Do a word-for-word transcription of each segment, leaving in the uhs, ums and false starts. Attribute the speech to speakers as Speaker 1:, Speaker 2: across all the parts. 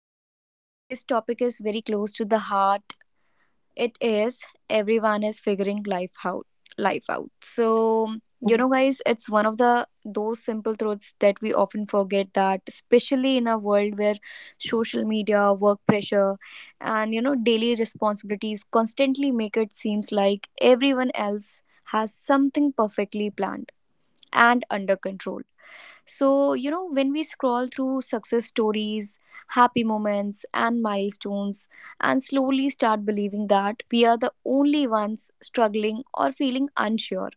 Speaker 1: So, today's topic is very close to the heart. It is everyone is figuring life out, life out. So, you know guys, it's one of the those simple truths that we often forget, that especially in a world where social media, work pressure, and you know daily responsibilities constantly make it seems like everyone else has something perfectly planned and under control. So, you know, when we scroll through success stories, happy moments, and milestones, and slowly start believing that we are the only ones struggling or feeling unsure.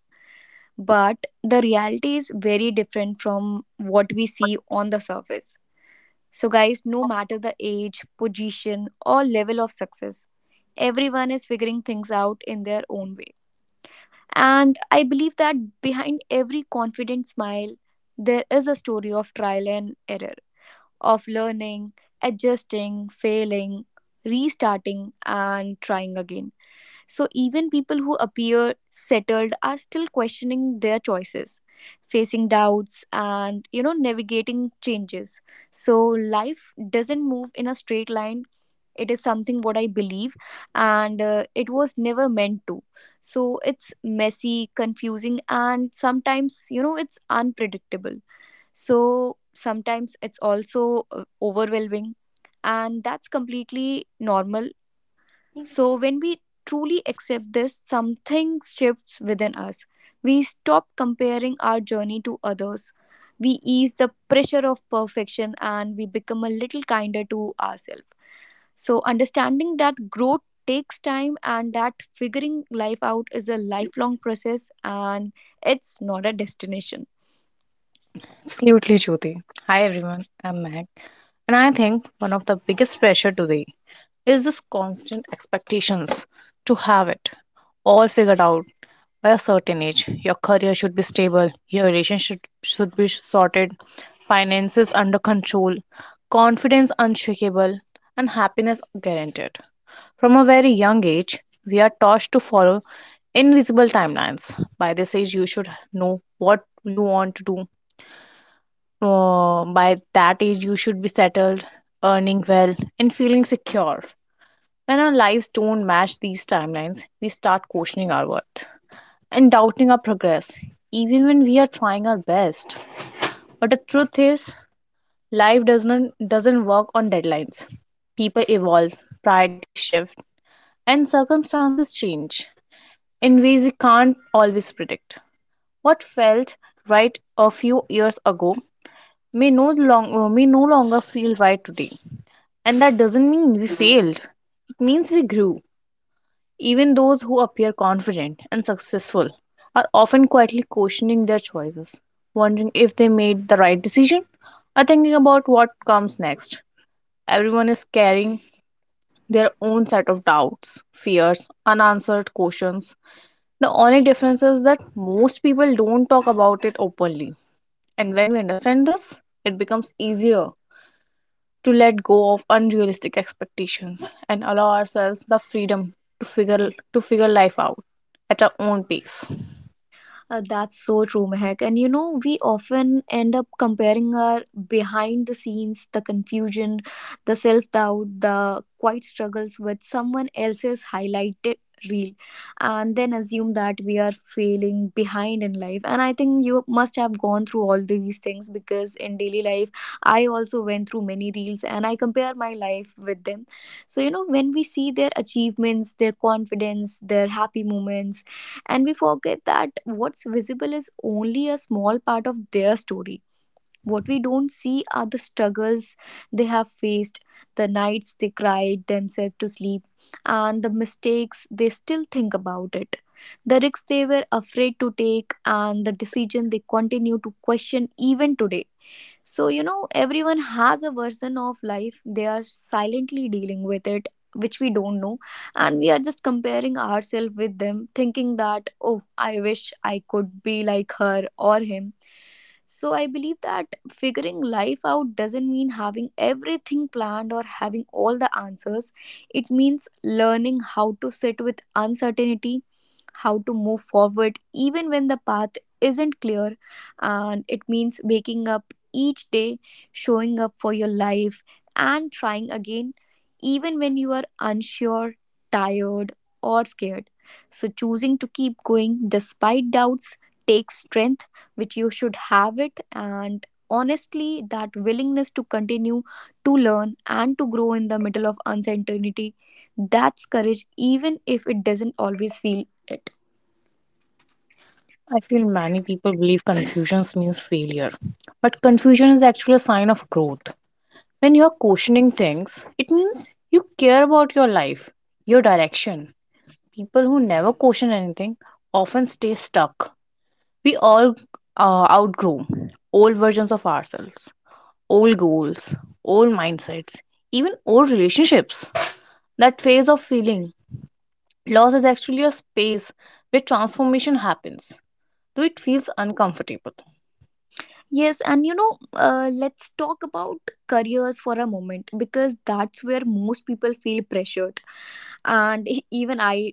Speaker 1: But the reality is very different from what we see on the surface. So, guys, no matter the age, position, or level of success, everyone is figuring things out in their own way. And I believe that behind every confident smile, there is a story of trial and error, of learning, adjusting, failing, restarting, and trying again. So, even people who appear settled are still questioning their choices, facing doubts, and you know, navigating changes. So, life doesn't move in a straight line. It is something what I believe, and uh, it was never meant to. So, it's messy, confusing, and sometimes, you know, it's unpredictable. So sometimes it's also uh, overwhelming, and that's completely normal. So when we truly accept this, something shifts within us. We stop comparing our journey to others. We ease the pressure of perfection and we become a little kinder to ourselves. So, understanding that growth takes time and that figuring life out is a lifelong process and it's not a destination.
Speaker 2: Absolutely, Jyoti. Hi, everyone. I'm Meg. And I think one of the biggest pressure today is this constant expectations to have it all figured out by a certain age. Your career should be stable, your relationship should be sorted, finances under control, confidence unshakable, and happiness guaranteed. From a very young age, we are taught to follow invisible timelines. By this age, you should know what you want to do. Uh, by that age, you should be settled, earning well, and feeling secure. When our lives don't match these timelines, we start questioning our worth and doubting our progress, even when we are trying our best. But the truth is, life doesn't doesn't work on deadlines. People evolve, priorities shift, and circumstances change in ways we can't always predict. What felt right a few years ago may no long, uh, may no longer feel right today. And that doesn't mean we failed. It means we grew. Even those who appear confident and successful are often quietly questioning their choices, wondering if they made the right decision or thinking about what comes next. Everyone is carrying their own set of doubts, fears, unanswered questions. The only difference is that most people don't talk about it openly. And when we understand this, it becomes easier to let go of unrealistic expectations and allow ourselves the freedom to figure to figure life out at our own pace.
Speaker 1: Uh, that's so true, Mehak. And you know, we often end up comparing our behind the scenes, the confusion, the self doubt, the quiet struggles with someone else's highlighted reel, and then assume that we are failing behind in life. And I think you must have gone through all these things because in daily life, I also went through many reels and I compare my life with them. So, you know, when we see their achievements, their confidence, their happy moments, and we forget that what's visible is only a small part of their story. What we don't see are the struggles they have faced, the nights they cried themselves to sleep, and the mistakes they still think about it, the risks they were afraid to take, and the decision they continue to question even today. So, you know, everyone has a version of life. They are silently dealing with it, which we don't know. And we are just comparing ourselves with them, thinking that, oh, I wish I could be like her or him. So, I believe that figuring life out doesn't mean having everything planned or having all the answers. It means learning how to sit with uncertainty, how to move forward, even when the path isn't clear, and it means waking up each day, showing up for your life and trying again, even when you are unsure, tired, or scared. So, choosing to keep going despite doubts takes strength, which you should have it. And honestly, that willingness to continue to learn and to grow in the middle of uncertainty, that's courage, even if it doesn't always feel it.
Speaker 2: I feel many people believe confusion means failure, but confusion is actually a sign of growth. When you're questioning things, it means you care about your life, your direction. People who never question anything often stay stuck. We all uh, outgrow old versions of ourselves, old goals, old mindsets, even old relationships. That phase of feeling loss is actually a space where transformation happens, though it feels uncomfortable.
Speaker 1: Yes, and you know, uh, let's talk about careers for a moment because that's where most people feel pressured, and e- even I,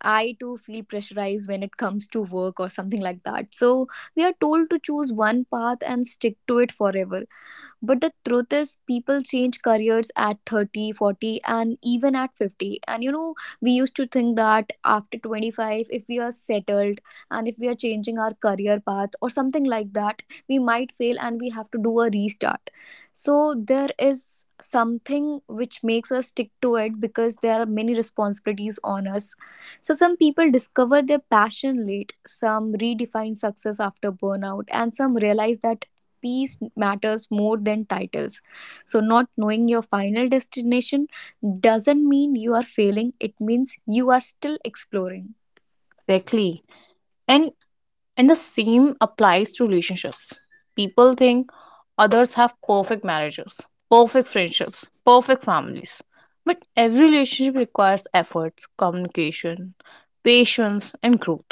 Speaker 1: I too feel pressurized when it comes to work or something like that. So we are told to choose one path and stick to it forever, but the truth is, people change careers at thirty, forty, and even at fifty. And you know, we used to think that after twenty-five, if we are settled and if we are changing our career path or something like that, we might fail and we have to do a restart. So there is something which makes us stick to it because there are many responsibilities on us. So some people discover their passion late, some redefine success after burnout, and some realize that peace matters more than titles. So, not knowing your final destination doesn't mean you are failing, it means you are still exploring.
Speaker 2: Exactly. And and the same applies to relationships. People think others have perfect marriages, perfect friendships, perfect families. But every relationship requires efforts, communication, patience, and growth.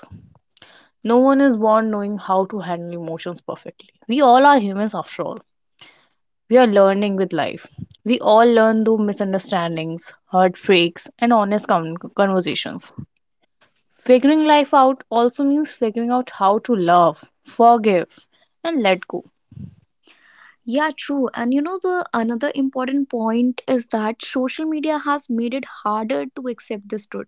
Speaker 2: No one is born knowing how to handle emotions perfectly. We all are humans after all. We are learning with life. We all learn through misunderstandings, heartbreaks, and honest con- conversations. Figuring life out also means figuring out how to love, forgive, and let go.
Speaker 1: Yeah, true. And you know, the another important point is that social media has made it harder to accept this truth.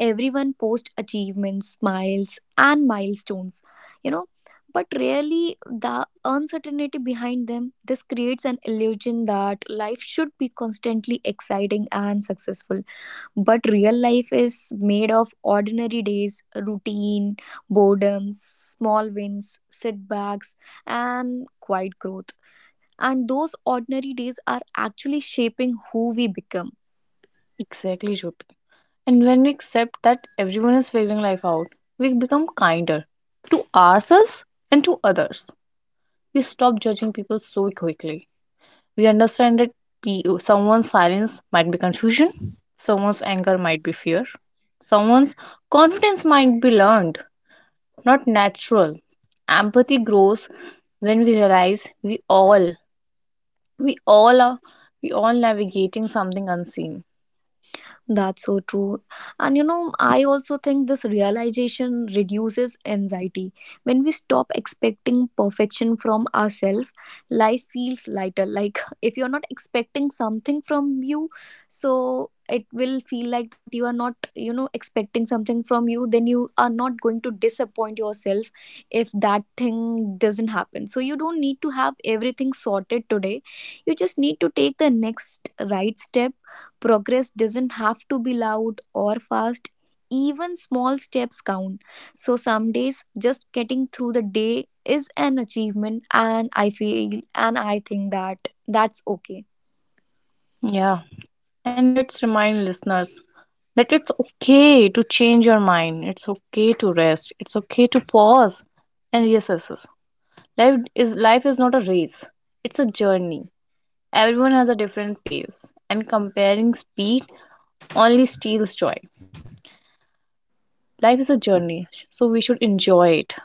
Speaker 1: Everyone posts achievements, smiles, and milestones, you know, but rarely the uncertainty behind them. This creates an illusion that life should be constantly exciting and successful. But real life is made of ordinary days, routine, boredom, small wins, setbacks, and quiet growth. And those ordinary days are actually shaping who we become.
Speaker 2: Exactly, Jyoti. And when we accept that everyone is figuring life out, we become kinder to ourselves and to others. We stop judging people so quickly. We understand that pe- someone's silence might be confusion, someone's anger might be fear, someone's confidence might be learned, not natural. Empathy grows when we realize we all, we all are, we all navigating something unseen.
Speaker 1: That's so true. And you know, I also think this realization reduces anxiety. When we stop expecting perfection from ourselves, life feels lighter. Like, if you're not expecting something from you, so it will feel like that you are not, you know, expecting something from you, then you are not going to disappoint yourself if that thing doesn't happen. So, you don't need to have everything sorted today. You just need to take the next right step. Progress doesn't have to be loud or fast. Even small steps count. So some days just getting through the day is an achievement and I feel and I think that that's okay.
Speaker 2: Yeah. And let's remind listeners that it's okay to change your mind. It's okay to rest. It's okay to pause and reassess. Life is life is not a race. It's a journey. Everyone has a different pace, and comparing speed only steals joy. Life is a journey, so we should enjoy it.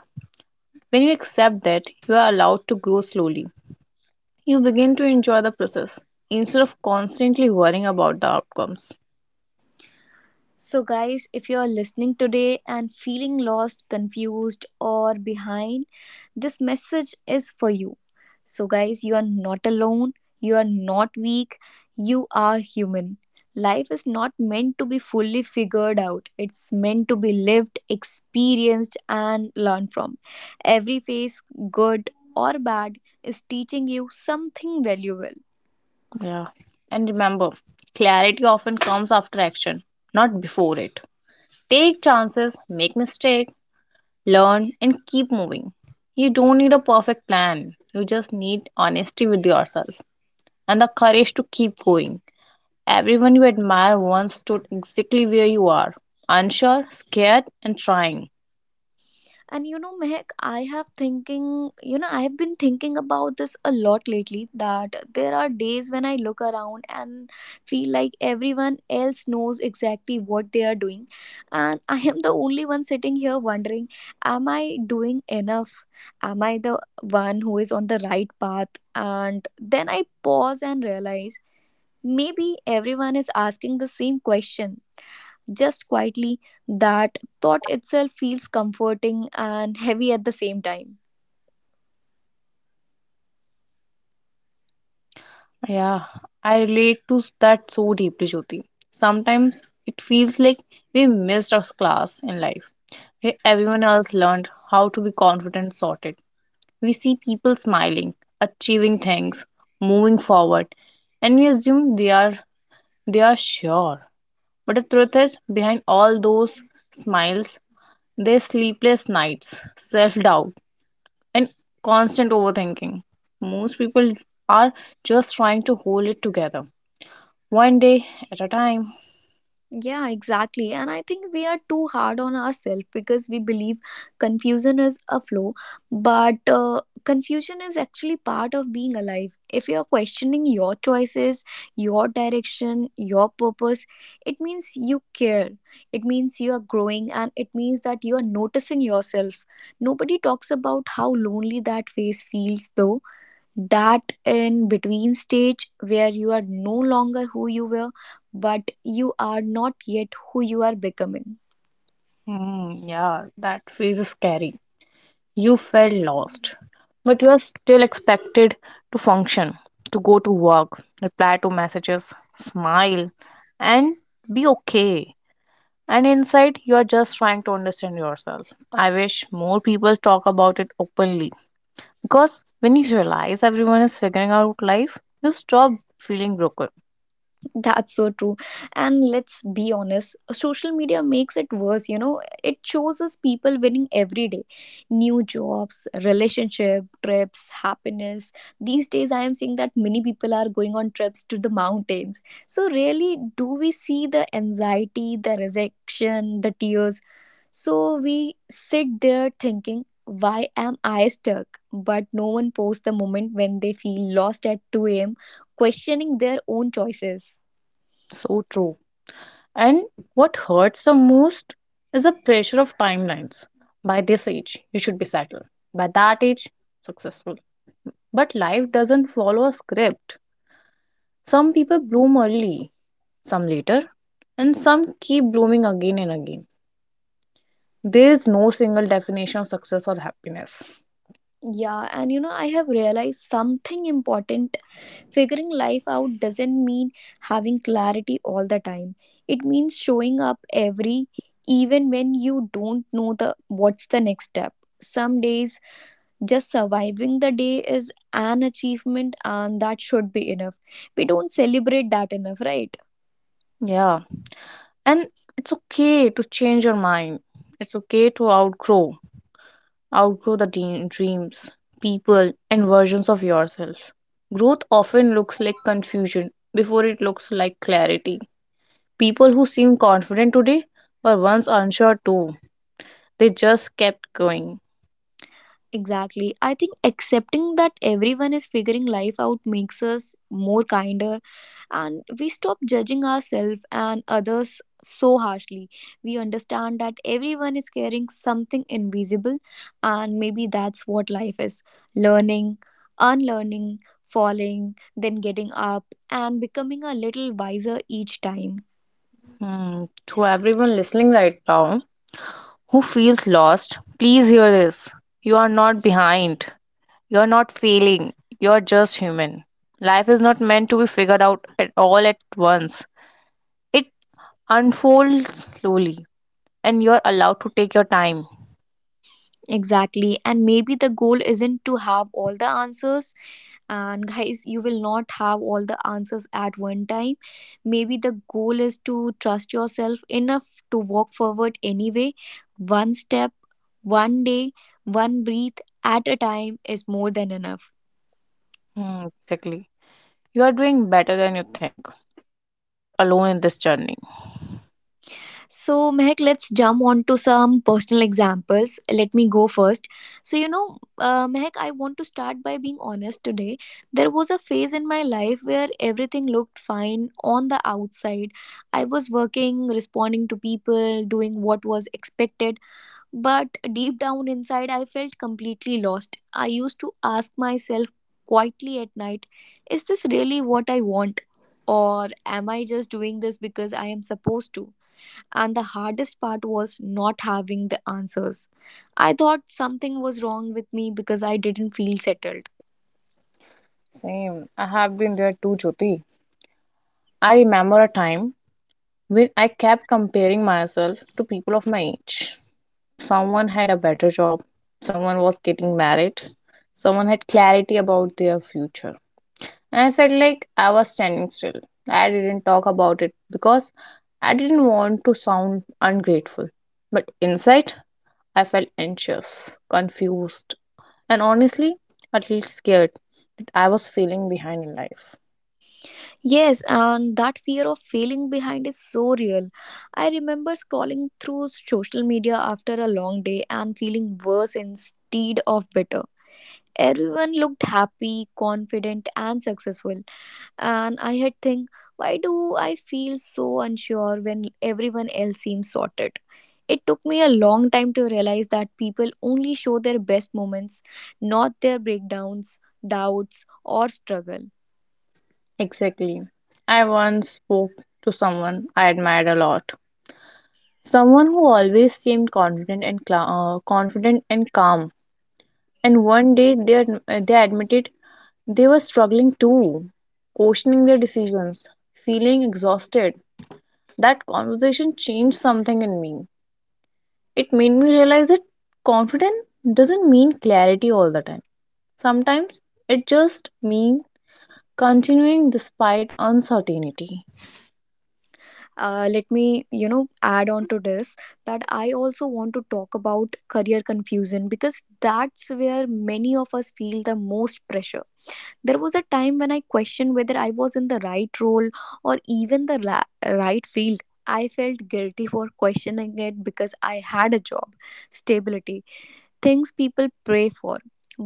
Speaker 2: When you accept that you are allowed to grow slowly, you begin to enjoy the process instead of constantly worrying about the outcomes.
Speaker 1: So, guys, if you're listening today and feeling lost, confused, or behind, this message is for you. So, guys, you are not alone, you are not weak, you are human. Life is not meant to be fully figured out. It's meant to be lived, experienced, and learned from. Every phase, good or bad, is teaching you something valuable.
Speaker 2: Yeah. And remember, clarity often comes after action, not before it. Take chances, make mistakes, learn, and keep moving. You don't need a perfect plan. You just need honesty with yourself and the courage to keep going. Everyone you admire once stood exactly where you are, unsure, scared, and trying.
Speaker 1: And you know, Mehak, I have thinking, you know, I have been thinking about this a lot lately, that there are days when I look around and feel like everyone else knows exactly what they are doing. And I am the only one sitting here wondering, am I doing enough? Am I the one who is on the right path? And then I pause and realize maybe everyone is asking the same question just quietly, that thought itself feels comforting and heavy at the same time.
Speaker 2: Yeah, I relate to that so deeply, Jyoti. Sometimes it feels like we missed our class in life, where everyone else learned how to be confident and sorted. We see people smiling, achieving things, moving forward, and we assume they are they are sure. But the truth is, behind all those smiles, their sleepless nights, self doubt, and constant overthinking. Most people are just trying to hold it together one day at a time.
Speaker 1: Yeah, exactly. And I think we are too hard on ourselves because we believe confusion is a flaw, but uh, confusion is actually part of being alive. If you are questioning your choices, your direction, your purpose, it means you care. It means you are growing and it means that you are noticing yourself. Nobody talks about how lonely that phase feels though. That in between stage where you are no longer who you were but you are not yet who you are becoming.
Speaker 2: Hmm, yeah, that phase is scary. You felt lost, but you are still expected to function, to go to work, reply to messages, smile, and be okay. And inside, you are just trying to understand yourself. I wish more people talk about it openly. Because when you realize everyone is figuring out life, you stop feeling broken.
Speaker 1: That's so true. And let's be honest, social media makes it worse, you know. It shows us people winning every day. New jobs, relationship, trips, happiness. These days I am seeing that many people are going on trips to the mountains. So really do we see the anxiety, the rejection, the tears? So we sit there thinking, why am I stuck? But no one posts the moment when they feel lost at two a.m. questioning their own choices.
Speaker 2: So true. And what hurts the most is the pressure of timelines. By this age, you should be settled. By that age, successful. But life doesn't follow a script. Some people bloom early, some later, and some keep blooming again and again. There is no single definition of success or happiness.
Speaker 1: Yeah, and you know, I have realized something important. Figuring life out doesn't mean having clarity all the time. It means showing up every even when you don't know the what's the next step. Some days just surviving the day is an achievement and that should be enough. We don't celebrate that enough, right?
Speaker 2: Yeah. And it's okay to change your mind. It's okay to outgrow outgrow the de- dreams, people, and versions of yourself. Growth often looks like confusion before it looks like clarity. People who seem confident today were once unsure too. They just kept going.
Speaker 1: Exactly. I think accepting that everyone is figuring life out makes us more kinder and we stop judging ourselves and others so harshly. We understand that everyone is carrying something invisible, and maybe that's what life is, learning, unlearning, falling, then getting up and becoming a little wiser each time.
Speaker 2: Hmm. To everyone listening right now who feels lost, please hear this. You are not behind. You are not failing. You are just human. Life is not meant to be figured out at all at once. It unfolds slowly and you're allowed to take your time.
Speaker 1: Exactly. And maybe the goal isn't to have all the answers, and guys you will not have all the answers at one time, maybe the goal is to trust yourself enough to walk forward anyway, one step, one day, one breath at a time is more than enough.
Speaker 2: Hmm, exactly. You are doing better than you think, and you are not alone in this journey.
Speaker 1: So, Mehak, let's jump on to some personal examples. Let me go first. So, you know, uh, Mehak, I want to start by being honest today. There was a phase in my life where everything looked fine on the outside. I was working, responding to people, doing what was expected. But deep down inside, I felt completely lost. I used to ask myself quietly at night, is this really what I want? Or am I just doing this because I am supposed to? And the hardest part was not having the answers. I thought something was wrong with me because I didn't feel settled.
Speaker 2: Same. I have been there too, Jyoti. I remember a time when I kept comparing myself to people of my age. Someone had a better job, someone was getting married, someone had clarity about their future. And I felt like I was standing still. I didn't talk about it because I didn't want to sound ungrateful. But inside, I felt anxious, confused, and honestly, a little scared that I was feeling behind in life.
Speaker 1: Yes, and that fear of failing behind is so real. I remember scrolling through social media after a long day and feeling worse instead of better. Everyone looked happy, confident, and successful, and I had think, why do I feel so unsure when everyone else seems sorted? It took me a long time to realize that people only show their best moments, not their breakdowns, doubts, or struggle.
Speaker 2: Exactly. I once spoke to someone I admired a lot. Someone who always seemed confident and cla- uh, confident and calm. And one day they, ad- uh, they admitted they were struggling too, questioning their decisions, feeling exhausted. That conversation changed something in me. It made me realize that confidence doesn't mean clarity all the time. Sometimes it just means continuing despite uncertainty.
Speaker 1: Uh, let me, you know, add on to this that I also want to talk about career confusion, because that's where many of us feel the most pressure. There was a time when I questioned whether I was in the right role or even the ra- right field. I felt guilty for questioning it because I had a job, stability, things people pray for,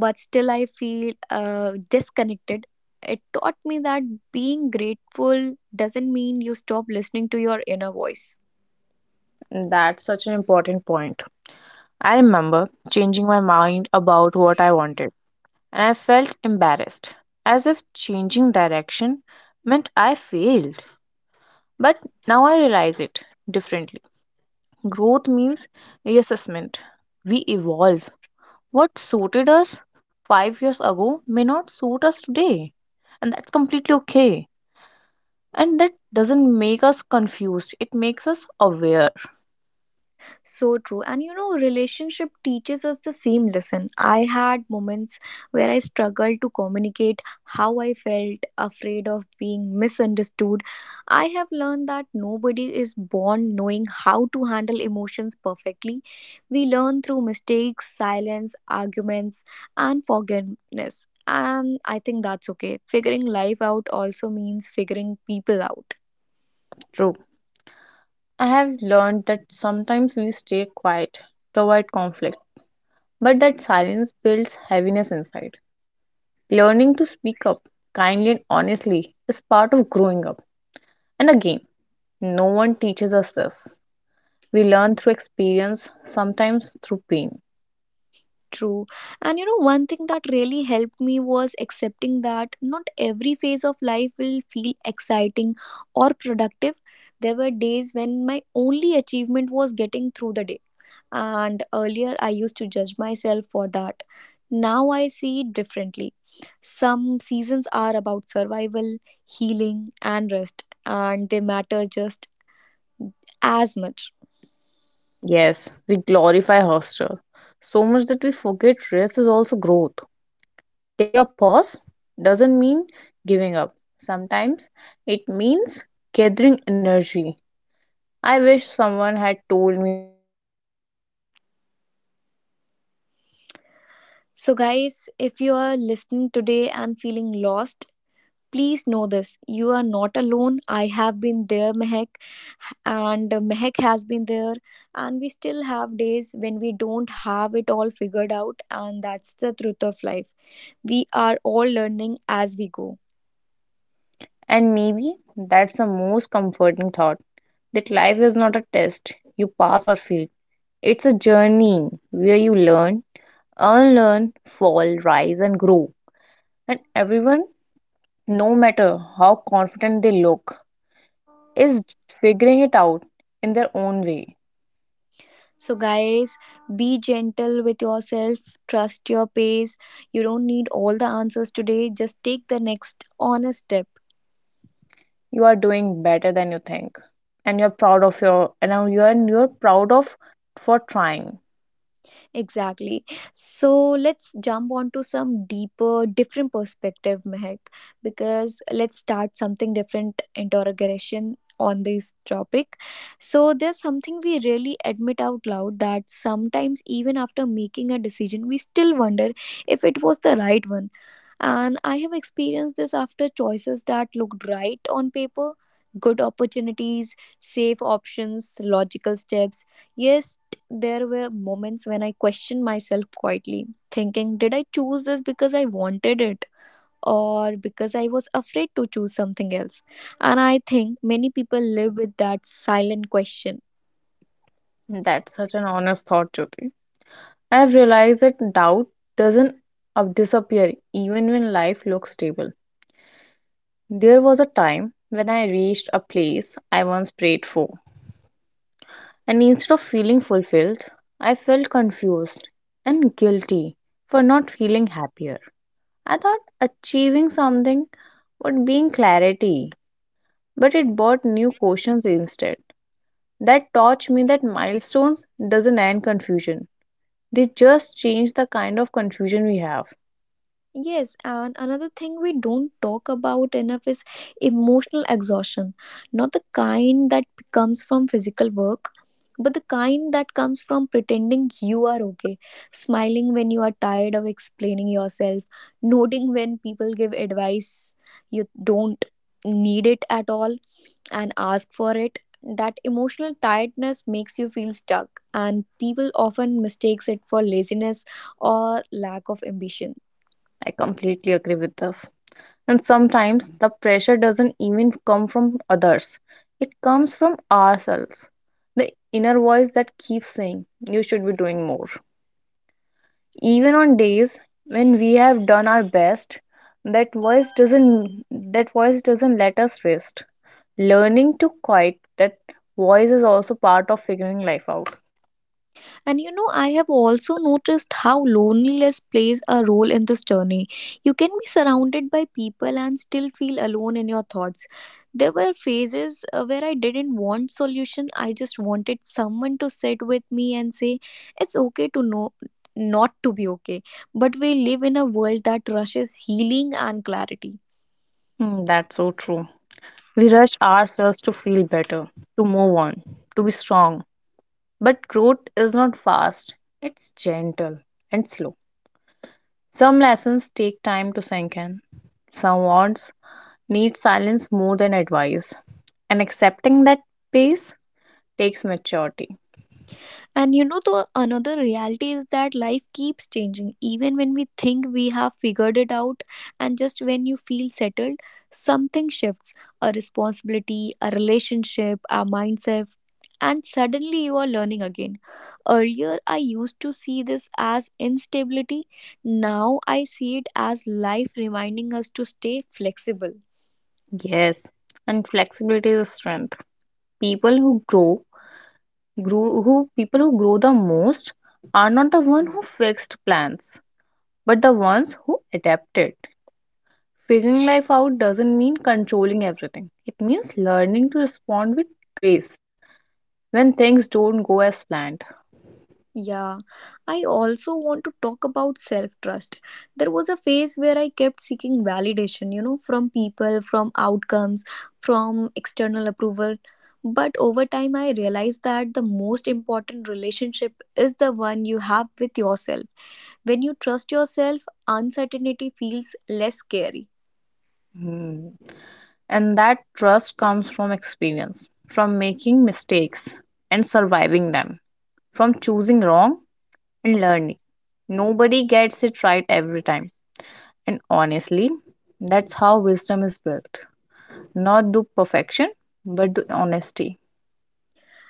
Speaker 1: but still I feel uh, disconnected. It taught me that being grateful doesn't mean you stop listening to your inner voice.
Speaker 2: That's such an important point. I remember changing my mind about what I wanted, and I felt embarrassed, as if changing direction meant I failed. But now I realize it differently. Growth means reassessment. We evolve. What suited us five years ago may not suit us today, and that's completely okay. And that doesn't make us confused, it makes us aware.
Speaker 1: So true. And you know, relationship teaches us the same lesson. I had moments where I struggled to communicate how I felt, afraid of being misunderstood. I have learned that nobody is born knowing how to handle emotions perfectly. We learn through mistakes, silence, arguments, and forgiveness. And I think that's okay. Figuring life out also means figuring people out.
Speaker 2: True. I have learned that sometimes we stay quiet to avoid conflict, but that silence builds heaviness inside. Learning to speak up kindly and honestly is part of growing up. And again, no one teaches us this. We learn through experience, sometimes through pain.
Speaker 1: True. And you know, one thing that really helped me was accepting that not every phase of life will feel exciting or productive. There were days when my only achievement was getting through the day. And earlier, I used to judge myself for that. Now I see it differently. Some seasons are about survival, healing, and rest, and they matter just as much.
Speaker 2: Yes, we glorify hustle so much that we forget rest is also growth. Taking a pause doesn't mean giving up. Sometimes it means gathering energy. I wish someone had told me earlier that it's okay to slow down without explaining
Speaker 1: So,
Speaker 2: yourself.
Speaker 1: guys, if you are listening today and feeling lost, please know this: you are not alone. I have been there, Mehak, and Mehak has been there. And we still have days when we don't have it all figured out, and that's the truth of life. We are all learning as we go.
Speaker 2: And maybe that's the most comforting thought that life is not a test you pass or fail. It's a journey where you learn, unlearn, fall, rise, and grow. And everyone, no matter how confident they look, is figuring it out in their own way.
Speaker 1: So, guys, be gentle with yourself, trust your pace. You don't need all the answers today, just take the next honest step.
Speaker 2: You are doing better than you think, and you're proud of your and you're you're proud of for trying.
Speaker 1: Exactly. So let's jump onto some deeper, different perspective, Mehak, because let's start something different interrogation on this topic. So there's something we really admit out loud, that sometimes even after making a decision, we still wonder if it was the right one. And I have experienced this after choices that looked right on paper: good opportunities, safe options, logical steps. Yes, there were moments when I questioned myself quietly, thinking, did I choose this because I wanted it? Or because I was afraid to choose something else. And I think many people live with that silent question.
Speaker 2: That's such an honest thought, Jyoti. I have realized that doubt doesn't up- disappear even when life looks stable. There was a time when I reached a place I once prayed for, and instead of feeling fulfilled, I felt confused and guilty for not feeling happier. I thought achieving something would bring clarity, but it brought new questions instead. That taught me that milestones doesn't end confusion. They just change the kind of confusion we have.
Speaker 1: Yes, and another thing we don't talk about enough is emotional exhaustion. Not the kind that comes from physical work, but the kind that comes from pretending you are okay, smiling when you are tired of explaining yourself, nodding when people give advice you don't need it at all and ask for it. That emotional tiredness makes you feel stuck, and people often mistakes it for laziness or lack of ambition.
Speaker 2: I completely agree with this. And sometimes the pressure doesn't even come from others, it comes from ourselves. The inner voice that keeps saying, you should be doing more. Even on days when we have done our best, that voice doesn't that voice doesn't let us rest. Learning to quiet that voice is also part of figuring life out.
Speaker 1: And you know, I have also noticed how loneliness plays a role in this journey. You can be surrounded by people and still feel alone in your thoughts. There were phases uh, where I didn't want solution. I just wanted someone to sit with me and say, "It's okay to know not to be okay." But we live in a world that rushes healing and clarity.
Speaker 2: Hmm, that's so true. We rush ourselves to feel better, to move on, to be strong. But growth is not fast, it's gentle and slow. Some lessons take time to sink in, some wants need silence more than advice, and accepting that pace takes maturity.
Speaker 1: And you know, the another reality is that life keeps changing. Even when we think we have figured it out, and just when you feel settled, something shifts: a responsibility, a relationship, a mindset, and suddenly you are learning again. Earlier, I used to see this as instability. Now, I see it as life reminding us to stay flexible.
Speaker 2: Yes, and flexibility is a strength. People who grow, grow who People who grow the most are not the one who fixed plans, but the ones who adapted. Figuring life out doesn't mean controlling everything. It means learning to respond with grace when things don't go as planned.
Speaker 1: Yeah, I also want to talk about self trust. There was a phase where I kept seeking validation, you know, from people, from outcomes, from external approval. But over time, I realized that the most important relationship is the one you have with yourself. When you trust yourself, uncertainty feels less scary.
Speaker 2: Hmm. And that trust comes from experience, from making mistakes and surviving them, from choosing wrong and learning. Nobody gets it right every time. And honestly, that's how wisdom is built. Not the perfection, but the honesty.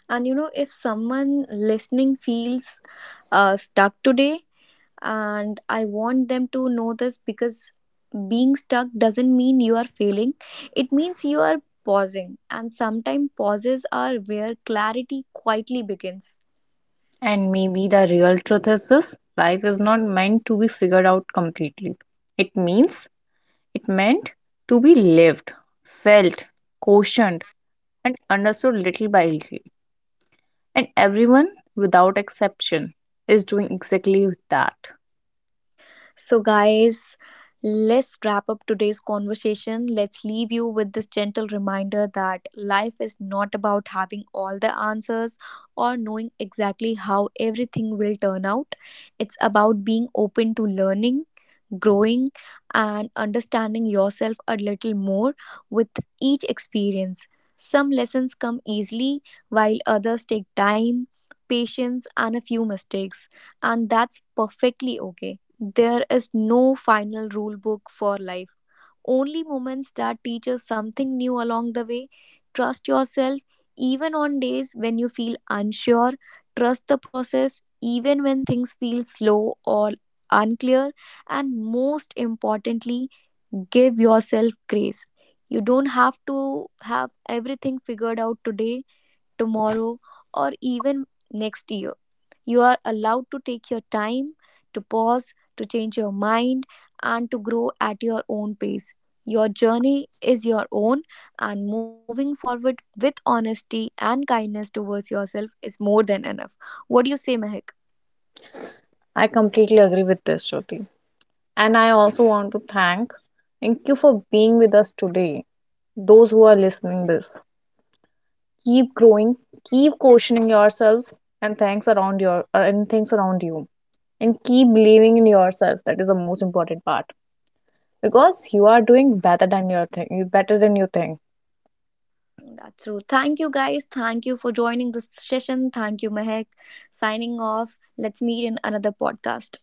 Speaker 1: And you know, if someone listening feels uh, stuck today, and I want them to know this, because being stuck doesn't mean you are failing. It means you are pausing, and sometimes pauses are where clarity quietly begins.
Speaker 2: And maybe the real truth is this life is not meant to be figured out completely. It means it meant to be lived, felt, cautioned, and understood little by little. And everyone, without exception, is doing exactly that.
Speaker 1: So, guys, let's wrap up today's conversation. Let's leave you with this gentle reminder that life is not about having all the answers or knowing exactly how everything will turn out. It's about being open to learning, growing, and understanding yourself a little more with each experience. Some lessons come easily, while others take time, patience, and a few mistakes, and that's perfectly okay. There is no final rule book for life, only moments that teach us something new along the way. Trust yourself even on days when you feel unsure. Trust the process even when things feel slow or unclear. And most importantly, give yourself grace. You don't have to have everything figured out today, tomorrow, or even next year. You are allowed to take your time, to pause, to change your mind, and to grow at your own pace. Your journey is your own, and moving forward with honesty and kindness towards yourself is more than enough. What do you say, Mehak?
Speaker 2: I completely agree with this, Shruti. And I also want to thank thank you for being with us today. Those who are listening this, keep growing, keep questioning yourselves, and thanks around your uh, and things around you, and keep believing in yourself. That is the most important part because you are doing better than your thing, better than you think.
Speaker 1: That's true. Thank you, guys. Thank you for joining this session. Thank you, Mehak. Signing off. Let's meet in another podcast.